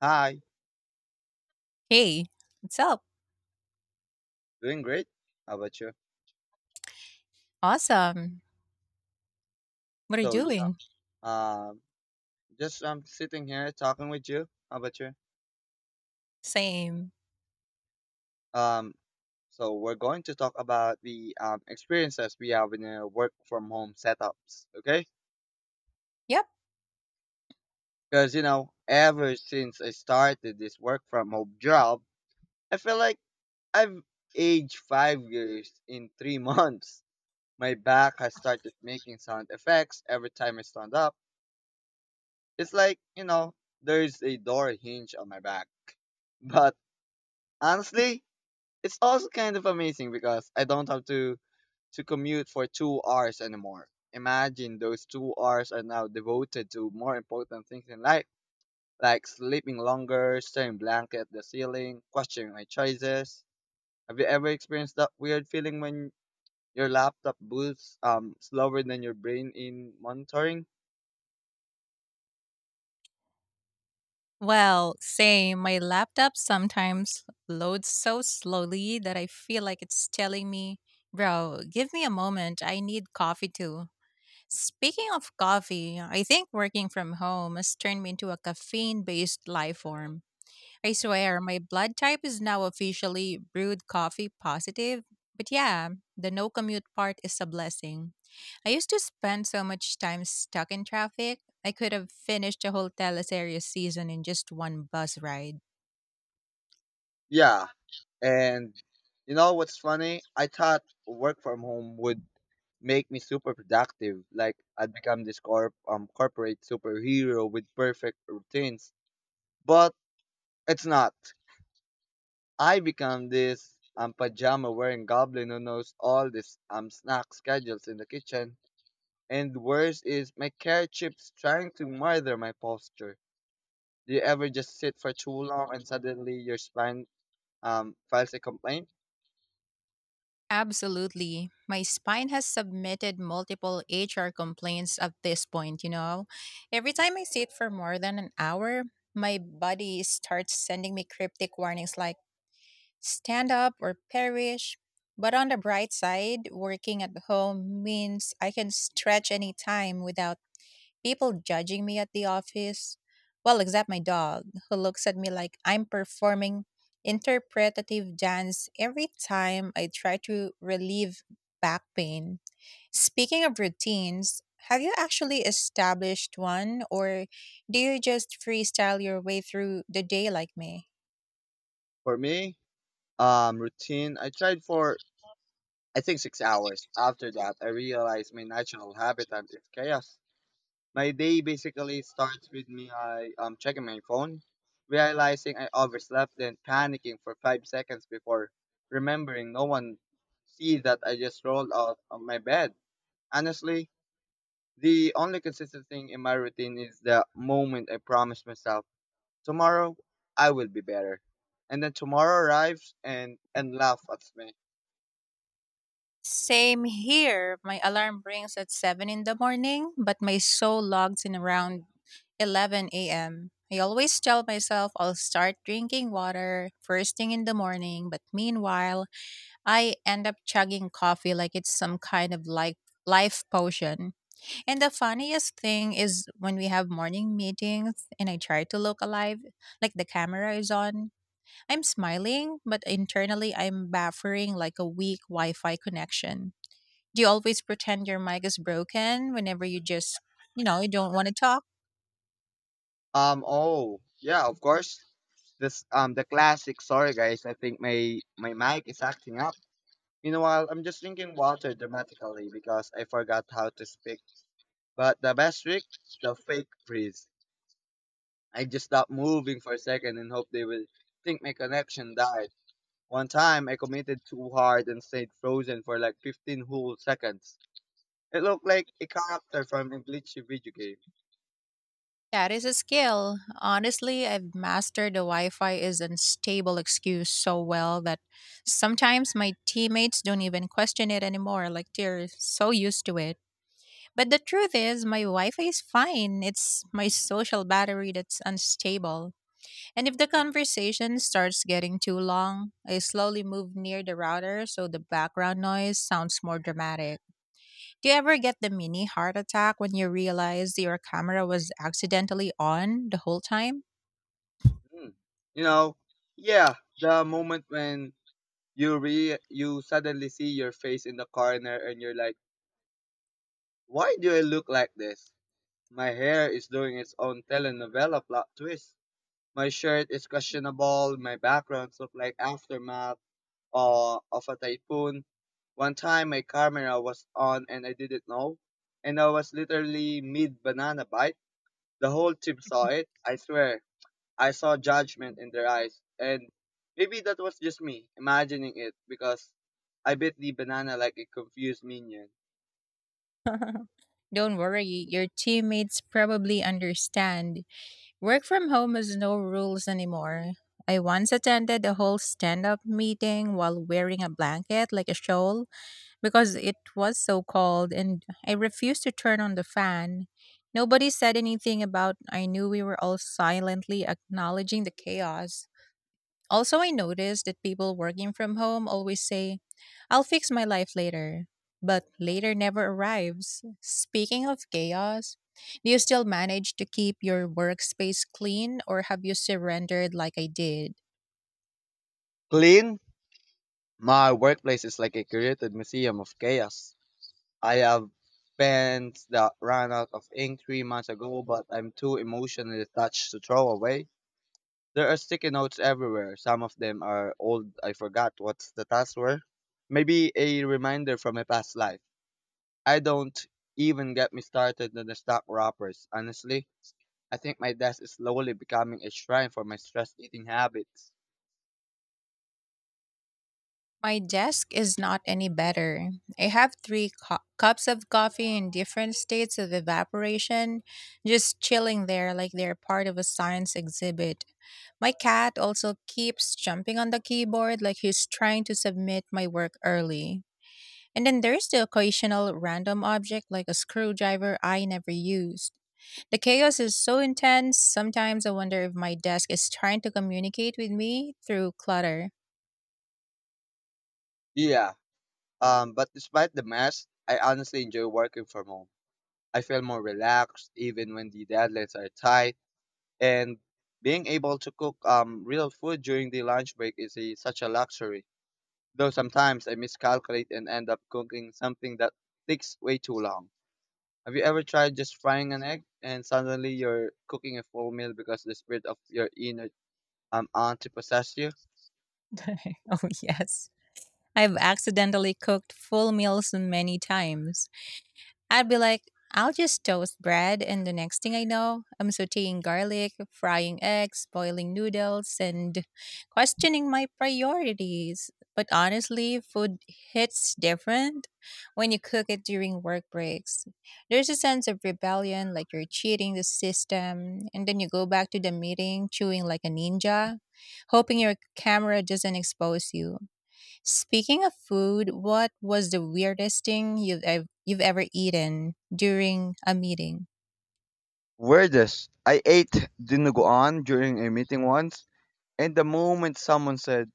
Hi, Hey, what's up? doing great. How about you? Awesome. What are you So, doing? know, um, just I'm sitting here talking with you. How about you? Same. Um, so we're going to talk about the experiences we have in work from home setups, okay? Yep. Because ever since I started this work from home job, I feel like I've aged 5 years in three months. My back has started making sound effects every time I stand up. It's like, there's a door hinge on my back. But honestly, it's also kind of amazing because I don't have to commute for 2 hours anymore. Imagine those 2 hours are now devoted to more important things in life, like sleeping longer, staring blank at the ceiling, questioning my choices. Have you ever experienced that weird feeling when your laptop boots slower than your brain in monitoring? Well, same. My laptop sometimes loads so slowly that I feel like it's telling me, bro, give me a moment. I need coffee too. Speaking of coffee, I think working from home has turned me into a caffeine based life form. I swear, my blood type is now officially brewed coffee positive. But yeah, the no commute part is a blessing. I used to spend so much time stuck in traffic, I could have finished a whole teleseries season in just one bus ride. Yeah, and you know what's funny? I thought work from home would make me super productive. Like I'd become this corporate superhero with perfect routines. But it's not. I become this pajama wearing goblin who knows all this snack schedules in the kitchen. And worse is my carrot chips trying to murder my posture. Do you ever just sit for too long and suddenly your spine files a complaint? Absolutely. My spine has submitted multiple HR complaints at this point, Every time I sit for more than an hour, my body starts sending me cryptic warnings like, stand up or perish. But on the bright side, working at home means I can stretch any time without people judging me at the office. Well, except my dog, who looks at me like I'm performing interpretative dance every time I try to relieve back pain. Speaking of routines, have you actually established one or do you just freestyle your way through the day like me? For me, routine I tried for I think 6 hours. After that, I realized my natural habitat is chaos. My day basically starts with me I checking my phone, realizing I overslept, then panicking for 5 seconds before remembering no one see that I just rolled out of my bed. Honestly, the only consistent thing in my routine is the moment I promise myself tomorrow I will be better, and then tomorrow arrives and laugh at me. Same here. My alarm rings at 7 in the morning, but my soul logs in around 11 a.m. I always tell myself I'll start drinking water first thing in the morning, but meanwhile, I end up chugging coffee like it's some kind of like life potion. And the funniest thing is when we have morning meetings and I try to look alive, like the camera is on, I'm smiling, but internally I'm buffering like a weak Wi-Fi connection. Do you always pretend your mic is broken whenever you just, you don't want to talk? Oh, yeah. Of course. This the classic. Sorry, guys. I think my mic is acting up. Meanwhile, I'm just drinking water dramatically because I forgot how to speak. But the best trick, the fake freeze. I just stopped moving for a second and hope they will think my connection died. One time, I committed too hard and stayed frozen for like 15 whole seconds. It looked like a character from a glitchy video game. That is a skill. Honestly, I've mastered the Wi Fi is unstable excuse so well that sometimes my teammates don't even question it anymore. Like they're so used to it. But the truth is, my Wi Fi is fine. It's my social battery that's unstable. And if the conversation starts getting too long, I slowly move near the router so the background noise sounds more dramatic. Do you ever get the mini heart attack when you realize your camera was accidentally on the whole time? Hmm. You know, yeah, the moment when you suddenly see your face in the corner and you're like, why do I look like this? My hair is doing its own telenovela plot twist. My shirt is questionable. My backgrounds look like aftermath of a typhoon. One time my camera was on and I didn't know, and I was literally mid banana bite. The whole team saw it. I swear, I saw judgment in their eyes, and maybe that was just me imagining it because I bit the banana like a confused minion. Don't worry, your teammates probably understand. Work from home has no rules anymore. I once attended a whole stand up meeting while wearing a blanket like a shawl because it was so cold and I refused to turn on the fan. Nobody said anything about I knew we were all silently acknowledging the chaos. Also, I noticed that people working from home always say, I'll fix my life later, but later never arrives. Speaking of chaos, do you still manage to keep your workspace clean or have you surrendered like I did? Clean? My workplace is like a curated museum of chaos. I have pens that ran out of ink 3 months ago, but I'm too emotionally attached to throw away. There are sticky notes everywhere. Some of them are old. I forgot what's the tasks were. Maybe a reminder from a past life. I don't even get me started on the stock wrappers. Honestly, I think my desk is slowly becoming a shrine for my stress eating habits. My desk is not any better. I have three cups of coffee in different states of evaporation, just chilling there like they're part of a science exhibit. My cat also keeps jumping on the keyboard like he's trying to submit my work early. And then there's the occasional random object like a screwdriver I never used. The chaos is so intense, sometimes I wonder if my desk is trying to communicate with me through clutter. Yeah, but despite the mess, I honestly enjoy working from home. I feel more relaxed even when the deadlines are tight, and being able to cook real food during the lunch break is such a luxury. Though sometimes I miscalculate and end up cooking something that takes way too long. Have you ever tried just frying an egg and suddenly you're cooking a full meal because the spirit of your inner auntie possessed you? Oh, yes. I've accidentally cooked full meals many times. I'd be like, I'll just toast bread, and the next thing I know, I'm sauteing garlic, frying eggs, boiling noodles, and questioning my priorities. But honestly, food hits different when you cook it during work breaks. There's a sense of rebellion, like you're cheating the system, and then you go back to the meeting chewing like a ninja, hoping your camera doesn't expose you. Speaking of food, what was the weirdest thing you've ever eaten during a meeting? Weirdest. I ate dinuguan during a meeting once, and the moment someone said,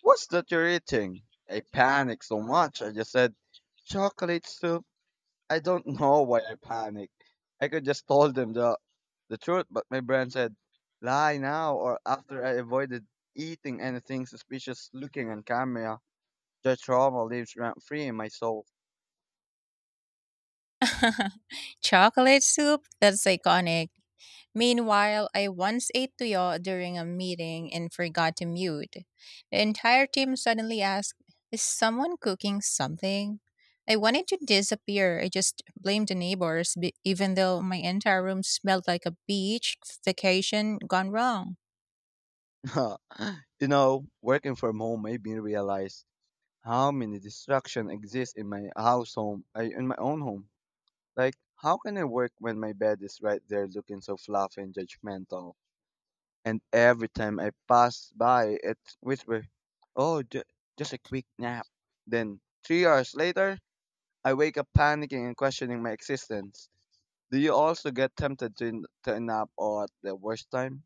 "What's that you're eating?" I panicked so much. I just said, "Chocolate soup." I don't know why I panicked. I could just told them the truth, but my brain said, "Lie now," or after I avoided eating anything suspicious looking on camera. The trauma lives rent free in my soul. Chocolate soup? That's iconic. Meanwhile, I once ate tuyo during a meeting and forgot to mute. The entire team suddenly asked, is someone cooking something? I wanted to disappear. I just blamed the neighbors, even though my entire room smelled like a beach vacation gone wrong. You know, working from home made me realize how many distractions exist in my own home. Like, how can I work when my bed is right there looking so fluffy and judgmental? And every time I pass by, it whispers, oh, just a quick nap. Then, 3 hours later, I wake up panicking and questioning my existence. Do you also get tempted to nap or at the worst time?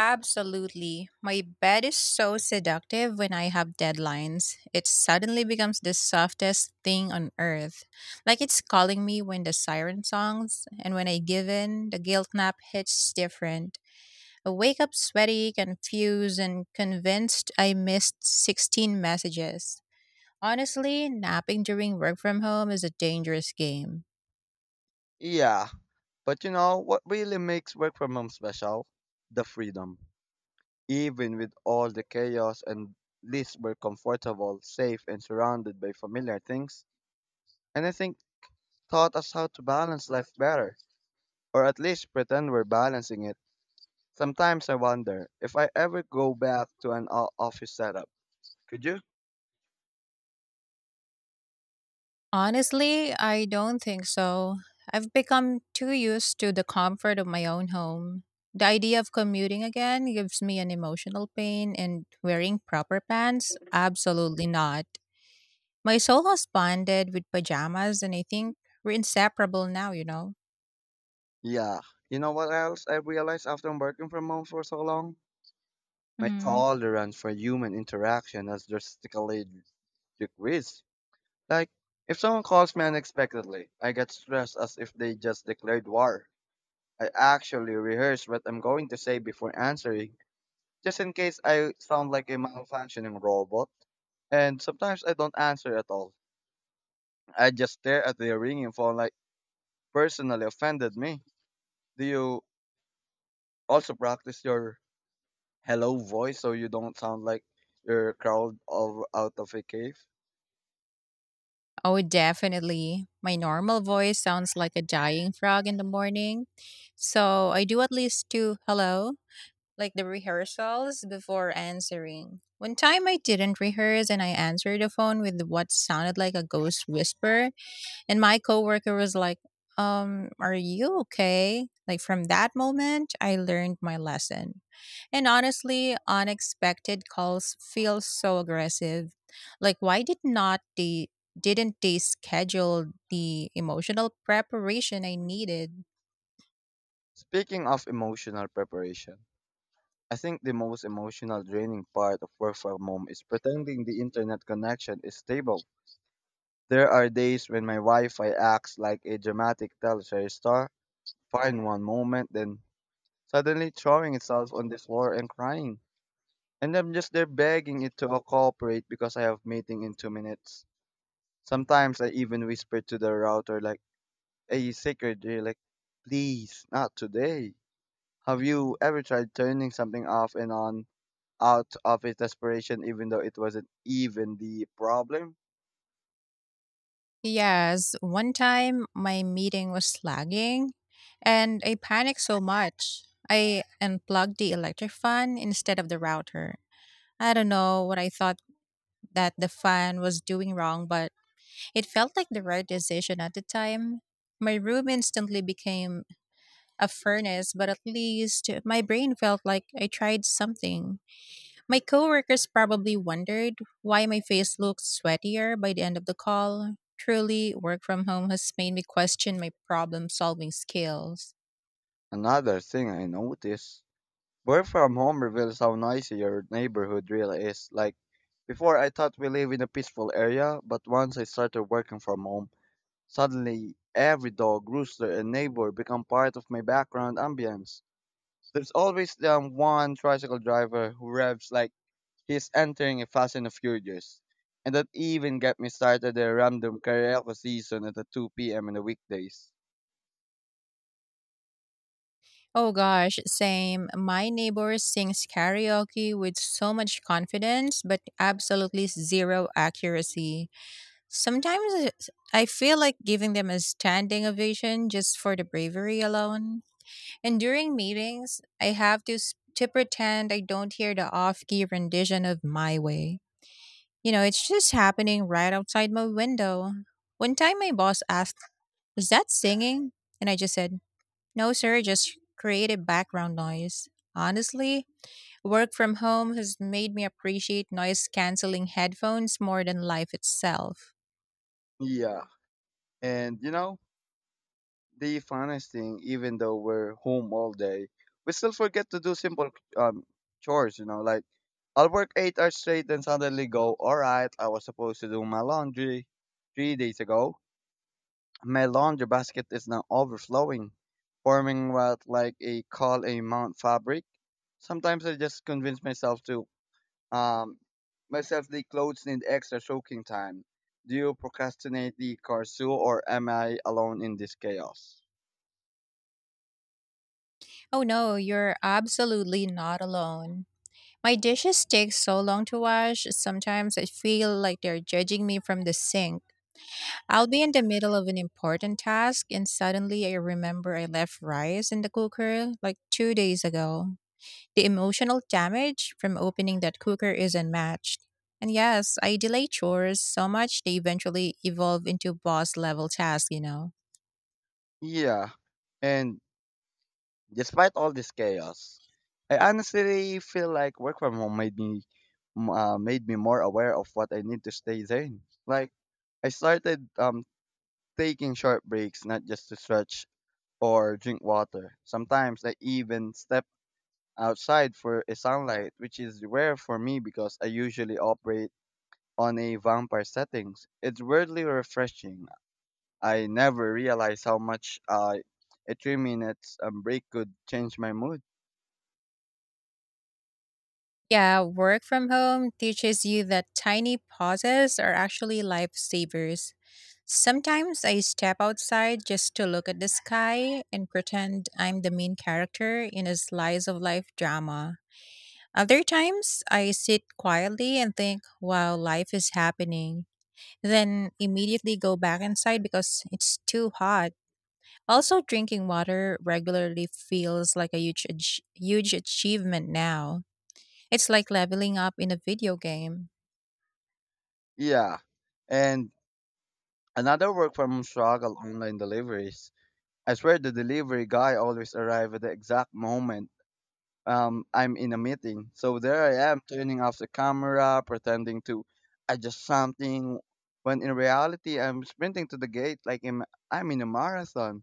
Absolutely. My bed is so seductive when I have deadlines. It suddenly becomes the softest thing on earth. Like it's calling me when the siren songs, and when I give in, the guilt nap hits different. I wake up sweaty, confused, and convinced I missed 16 messages. Honestly, napping during work from home is a dangerous game. Yeah, but you know what really makes work from home special? The freedom. Even with all the chaos and least we're comfortable, safe, and surrounded by familiar things. And I think taught us how to balance life better, or at least pretend we're balancing it. Sometimes I wonder if I ever go back to an office setup. Could you? Honestly, I don't think so. I've become too used to the comfort of my own home. The idea of commuting again gives me an emotional pain, and wearing proper pants? Absolutely not. My soul has bonded with pajamas, and I think we're inseparable now, Yeah. You know what else I realized after working from home for so long? My Hmm. tolerance for human interaction has drastically decreased. Like, if someone calls me unexpectedly, I get stressed as if they just declared war. I actually rehearse what I'm going to say before answering, just in case I sound like a malfunctioning robot. And sometimes I don't answer at all. I just stare at the ringing phone like personally offended me. Do you also practice your hello voice so you don't sound like you're crawled out of a cave? Oh, definitely. My normal voice sounds like a dying frog in the morning. So I do at least two hello like the rehearsals before answering. One time I didn't rehearse and I answered the phone with what sounded like a ghost whisper, and my coworker was like, are you okay?" Like from that moment, I learned my lesson. And honestly, unexpected calls feel so aggressive. Like why did not they didn't they schedule the emotional preparation I needed? Speaking of emotional preparation, I think the most emotional draining part of work from home is pretending the internet connection is stable. There are days when my Wi-Fi acts like a dramatic teleserry star, fine one moment, then suddenly throwing itself on the floor and crying. And I'm just there begging it to cooperate because I have meeting in 2 minutes. Sometimes I even whisper to the router like, "Hey, secretary, like, please, not today." Have you ever tried turning something off and on out of his desperation, even though it wasn't even the problem? Yes, one time my meeting was lagging and I panicked so much. I unplugged the electric fan instead of the router. I don't know what I thought that the fan was doing wrong, but it felt like the right decision at the time. My room instantly became a furnace, but at least my brain felt like I tried something. My coworkers probably wondered why my face looked sweatier by the end of the call. Truly, work from home has made me question my problem solving skills. Another thing I noticed work from home reveals how noisy your neighborhood really is. Like, before I thought we live in a peaceful area, but once I started working from home, suddenly every dog, rooster, and neighbor become part of my background ambience. There's always the one tricycle driver who revs like he's entering a Fast and the Furious. And that even got me started a random karaoke season at the 2 p.m. on the weekdays. Oh gosh, same. My neighbor sings karaoke with so much confidence, but absolutely zero accuracy. I feel like giving them a standing ovation just for the bravery alone. And during meetings, I have to to pretend I don't hear the off-key rendition of "My Way." It's just happening right outside my window. One time my boss asked, is that singing? And I just said, no, sir, just creative background noise. Honestly, work from home has made me appreciate noise canceling headphones more than life itself. Yeah. And you know, the funnest thing, even though we're home all day, we still forget to do simple um, chores, like I'll work 8 hours straight and suddenly go, all right, I was supposed to do my laundry 3 days ago. My laundry basket is now overflowing, forming what like a call a mount fabric. Sometimes I just convince myself to um myself the clothes need extra soaking time. Do you procrastinate the carsu or am I alone in this chaos? Oh no, you're absolutely not alone. My dishes take so long to wash, sometimes I feel like they're judging me from the sink. I'll be in the middle of an important task and suddenly I remember I left rice in the cooker like 2 days ago. The emotional damage from opening that cooker is unmatched. And yes, I delay chores so much they eventually evolve into boss level tasks, Yeah. And despite all this chaos, I honestly feel like work from home made me made me more aware of what I need to stay sane. Like I started taking short breaks, not just to stretch or drink water. Sometimes I even step outside for a sunlight, which is rare for me because I usually operate on a vampire settings. It's weirdly refreshing. I never realized how much a 3 minutes break could change my mood. Yeah, work from home teaches you that tiny pauses are actually lifesavers. Sometimes I step outside just to look at the sky and pretend I'm the main character in a slice of life drama. Other times, I sit quietly and think, wow, life is happening. Then immediately go back inside because it's too hot. Also, drinking water regularly feels like a huge achievement now. It's like leveling up in a video game. Yeah, and another work from home struggle online deliveries. I swear the delivery guy always arrived at the exact moment I'm in a meeting. So there I am turning off the camera, pretending to adjust something, when in reality I'm sprinting to the gate like I'm in a marathon.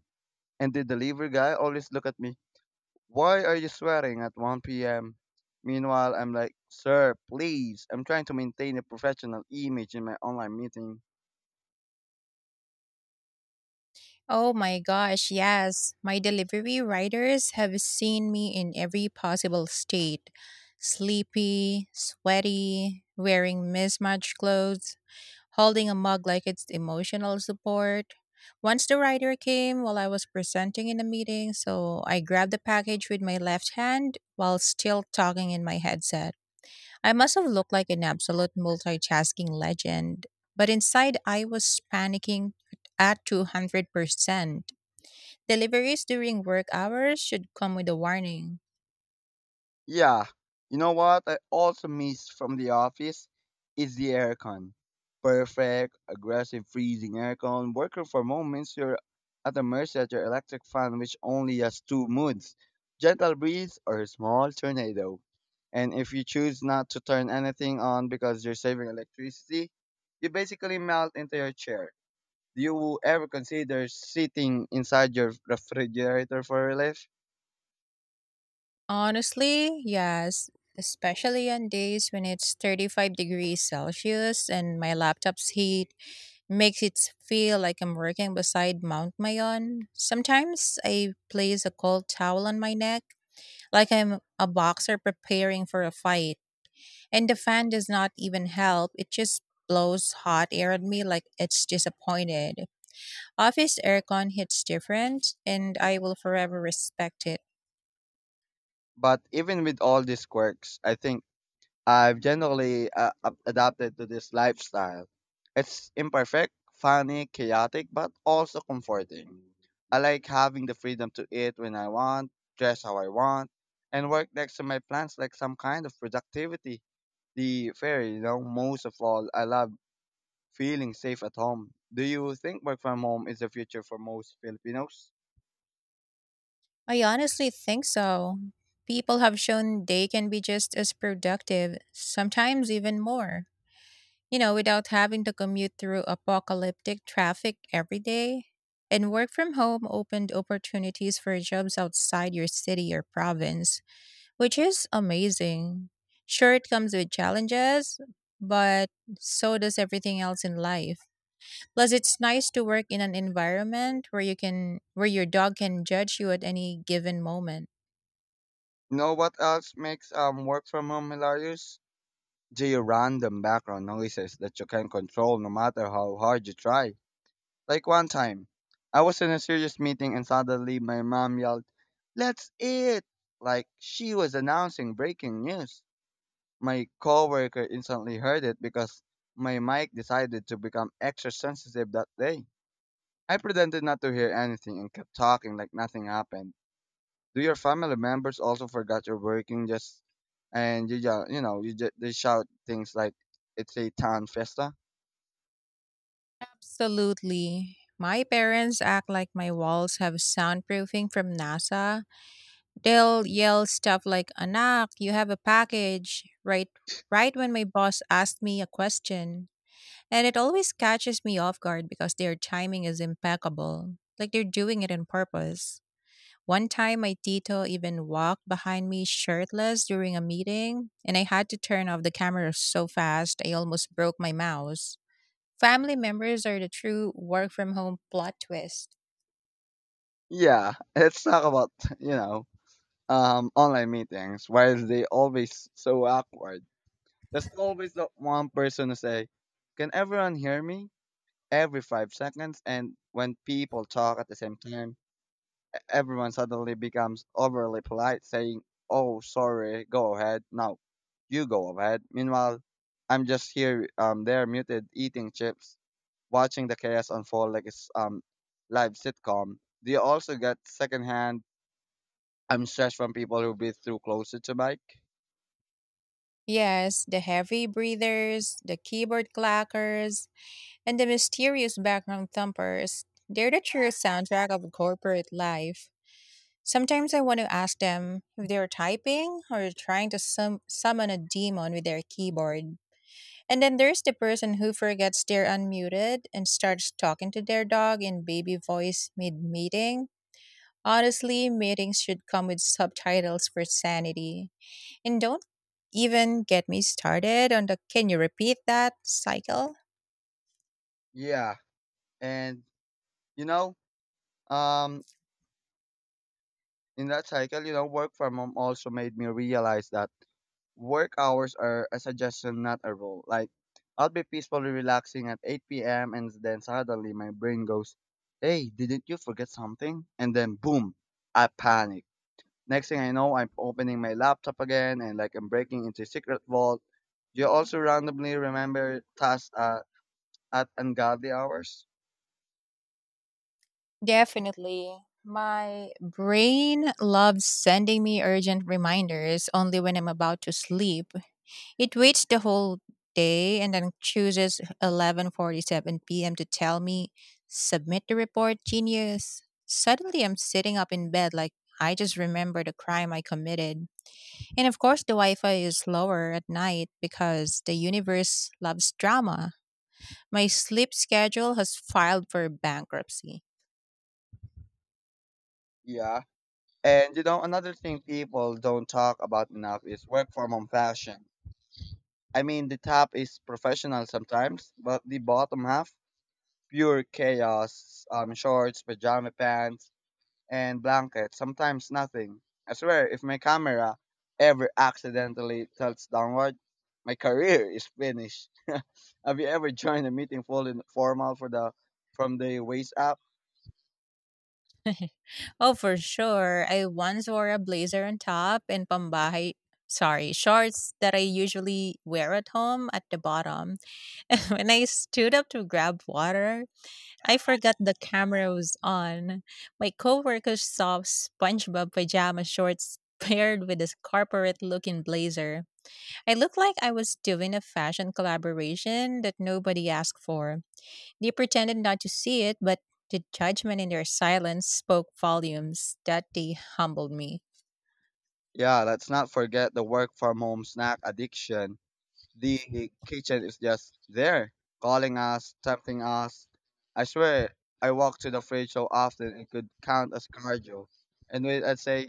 And the delivery guy always look at me, why are you sweating at 1 p.m.? Meanwhile, I'm like, sir, please, I'm trying to maintain a professional image in my online meeting. Oh my gosh, yes. My delivery riders have seen me in every possible state sleepy, sweaty, wearing mismatched clothes, holding a mug like it's emotional support. Once the rider came while I was presenting in a meeting, so I grabbed the package with my left hand while still talking in my headset. I must have looked like an absolute multitasking legend, but inside I was panicking at 200%. Deliveries during work hours should come with a warning. Yeah, you know what I also miss from the office is the aircon. Perfect, aggressive freezing aircon, working for moments you're at the mercy of your electric fan which only has two moods, gentle breeze or a small tornado. And if you choose not to turn anything on because you're saving electricity, you basically melt into your chair. Do you ever consider sitting inside your refrigerator for relief? Honestly, yes, especially on days when it's 35 degrees Celsius and my laptop's heat makes it feel like I'm working beside Mount Mayon. Sometimes I place a cold towel on my neck like I'm a boxer preparing for a fight. And the fan does not even help. It just blows hot air at me like it's disappointed. Office aircon hits different, and I will forever respect it. But even with all these quirks, I think I've generally adapted to this lifestyle. It's imperfect, funny, chaotic, but also comforting. I like having the freedom to eat when I want, dress how I want, and work next to my plans like some kind of productivity. The fairy, most of all, I love feeling safe at home. Do you think work from home is the future for most Filipinos? I honestly think so. People have shown they can be just as productive, sometimes even more, without having to commute through apocalyptic traffic every day. And work from home opened opportunities for jobs outside your city or province which is amazing. Sure, it comes with challenges, but so does everything else in life. Plus, it's nice to work in an environment where your dog can judge you at any given moment. You know what else makes work from home hilarious? The random background noises that you can control no matter how hard you try. Like one time, I was in a serious meeting and suddenly my mom yelled, "Let's eat!" Like she was announcing breaking news. My coworker instantly heard it because my mic decided to become extra sensitive that day. I pretended not to hear anything and kept talking like nothing happened. Do your family members also forgot you're working just and you ju- you know you just they shout things like it's a town fiesta? Absolutely. My parents act like my walls have soundproofing from NASA. They'll yell stuff like, Anak, you have a package, right? Right when my boss asked me a question. And it always catches me off guard because their timing is impeccable, like they're doing it on purpose. One time, my tito even walked behind me shirtless during a meeting, and I had to turn off the camera so fast I almost broke my mouse. Family members are the true work from home plot twist. Yeah, let's talk about you know online meetings. Why is they always so awkward? There's always that one person to say, "Can everyone hear me?" every five seconds, and when people talk at the same time everyone suddenly becomes overly polite, saying, "Oh, sorry, go ahead. No, you go ahead." Meanwhile, I'm just there, muted, eating chips, watching the chaos unfold like it's live sitcom. Do you also get secondhand stress from people who breathe through closer to Mike? Yes, the heavy breathers, the keyboard clackers, and the mysterious background thumpers. They're the true soundtrack of corporate life. Sometimes I want to ask them if they're typing or trying to summon a demon with their keyboard. And then there's the person who forgets they're unmuted and starts talking to their dog in baby voice mid meeting. Honestly, meetings should come with subtitles for sanity. And don't even get me started on the can you repeat that cycle? Yeah. And, you know, um, in that cycle, work from home also made me realize that work hours are a suggestion, not a rule. Like, I'll be peacefully relaxing at 8 p.m. and then suddenly my brain goes, "Hey, didn't you forget something?" And then boom, I panic. Next thing I know, I'm opening my laptop again and like I'm breaking into a secret vault. Do you also randomly remember tasks at ungodly hours? Definitely. My brain loves sending me urgent reminders only when I'm about to sleep. It waits the whole day and then chooses 11:47 p.m. to tell me submit the report, genius. Suddenly I'm sitting up in bed like I just remembered a crime I committed. And of course the Wi-Fi is slower at night because the universe loves drama. My sleep schedule has filed for bankruptcy. Yeah. And you know, another thing people don't talk about enough is work from home fashion. I mean, the top is professional sometimes, but the bottom half pure chaos, shorts, pajama pants, and blankets, sometimes nothing. I swear, if my camera ever accidentally tilts downward, my career is finished. Have you ever joined a meeting full in formal for the from the waist up? Oh, for sure. I once wore a blazer on top and pambahay, sorry, shorts that I usually wear at home at the bottom. When I stood up to grab water, I forgot the camera was on. My coworkers saw SpongeBob pajama shorts paired with this corporate looking blazer. I looked like I was doing a fashion collaboration that nobody asked for. They pretended not to see it, but the judgment in their silence spoke volumes that they humbled me. Yeah, let's not forget the work from home snack addiction. The kitchen is just there, calling us, tempting us. I swear, I walk to the fridge so often it could count as cardio. And wait, I'd say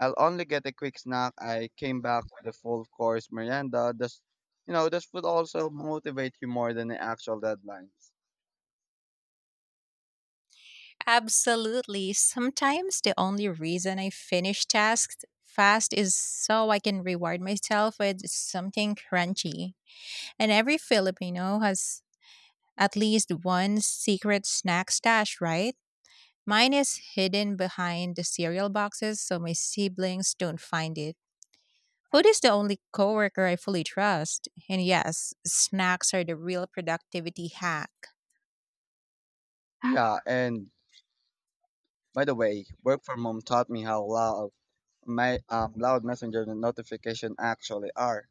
I'll only get a quick snack. I came back with a full course Miranda. This, you know, this would also motivate you more than the actual deadlines. Absolutely. Sometimes the only reason I finish tasks fast is so I can reward myself with something crunchy. And every Filipino has at least one secret snack stash, right? Mine is hidden behind the cereal boxes so my siblings don't find it. Food is the only coworker I fully trust. And yes, snacks are the real productivity hack. Yeah, and by the way, work from home taught me how loud my loud messenger notification actually are.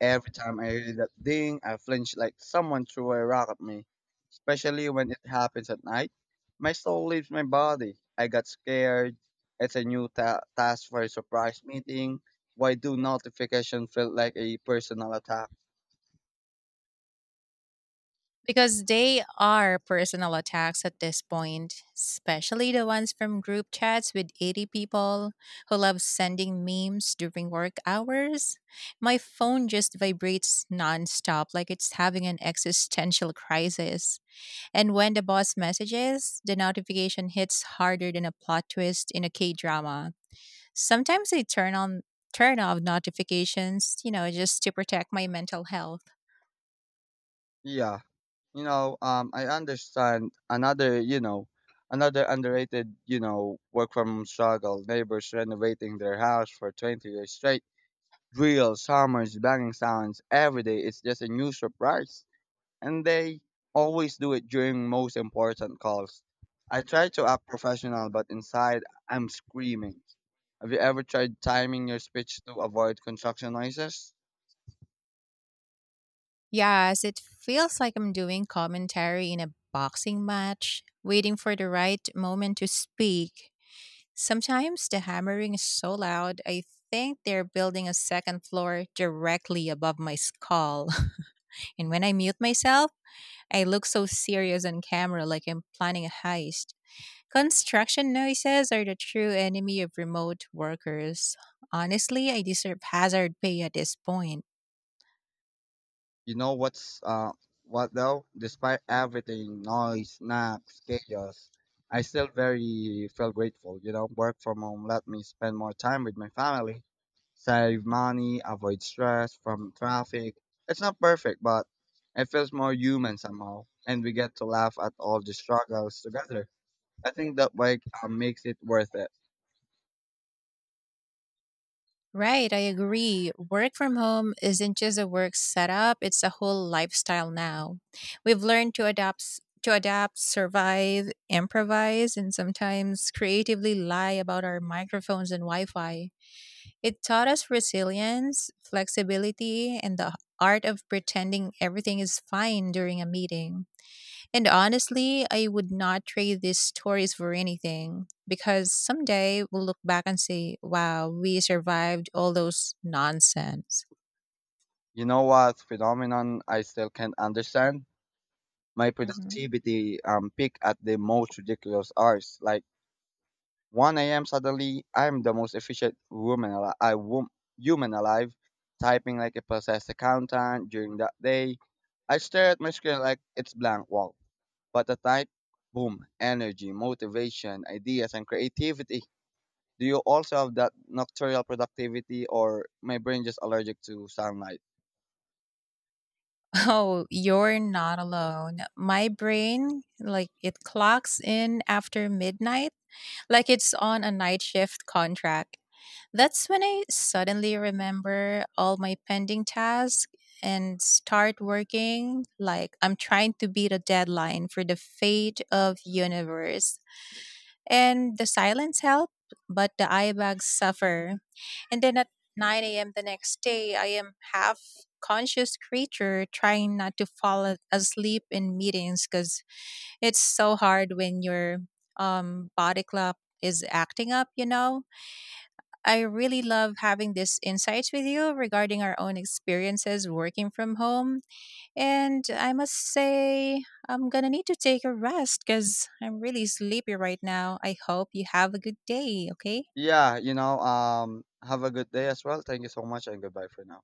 Every time I hear that ding, I flinch like someone threw a rock at me. Especially when it happens at night, my soul leaves my body. I got scared. It's a new task for a surprise meeting. Why do notification feel like a personal attack? Because they are personal attacks at this point, especially the ones from group chats with 80 people who love sending memes during work hours. My phone just vibrates nonstop, like it's having an existential crisis. And when the boss messages, the notification hits harder than a plot twist in a K drama. Sometimes I turn off notifications, you know, just to protect my mental health. Yeah, I understand another underrated, work from home struggle. Neighbors renovating their house for 20 years straight. Drills, hammers, banging sounds every day. It's just a new surprise and they always do it during most important calls. I try to act professional, but inside I'm screaming. Have you ever tried timing your speech to avoid construction noises? Yes, it feels like I'm doing commentary in a boxing match, waiting for the right moment to speak. Sometimes the hammering is so loud, I think they're building a second floor directly above my skull. And when I mute myself, I look so serious on camera like I'm planning a heist. Construction noises are the true enemy of remote workers. Honestly, I deserve hazard pay at this point. You know what though? Despite everything, noise, naps, chaos, I still very feel grateful. You know, work from home let me spend more time with my family, save money, avoid stress from traffic. It's not perfect, but it feels more human somehow, and we get to laugh at all the struggles together. I think that makes it worth it. Right, I agree. Work from home isn't just a work setup, it's a whole lifestyle now. We've learned to adapt, survive, improvise, and sometimes creatively lie about our microphones and Wi-Fi. It taught us resilience, flexibility, and the art of pretending everything is fine during a meeting. And honestly, I would not trade these stories for anything because someday we'll look back and say, wow, we survived all those nonsense. You know what phenomenon I still can't understand? My Hmm. productivity peak at the most ridiculous hours like 1 a.m. Suddenly, I'm the most efficient woman alive, human alive, typing like a possessed accountant during that day. I stare at my screen like it's blank wall. But at night, boom, energy, motivation, ideas, and creativity. Do you also have that nocturnal productivity, or my brain just allergic to sunlight? Oh, you're not alone. My brain, like, it clocks in after midnight, like it's on a night shift contract. That's when I suddenly remember all my pending tasks and start working like I'm trying to beat a deadline for the fate of universe. And the silence help, but the eye bags suffer. And then at 9 a.m. the next day, I am half conscious creature trying not to asleep in meetings because it's so hard when your body clock is acting up, you know? I really love having these insights with you regarding our own experiences working from home. And I must say, I'm going to need to take a rest because I'm really sleepy right now. I hope you have a good day. Okay. Yeah, you know. Have a good day as well. Thank you so much, and goodbye for now.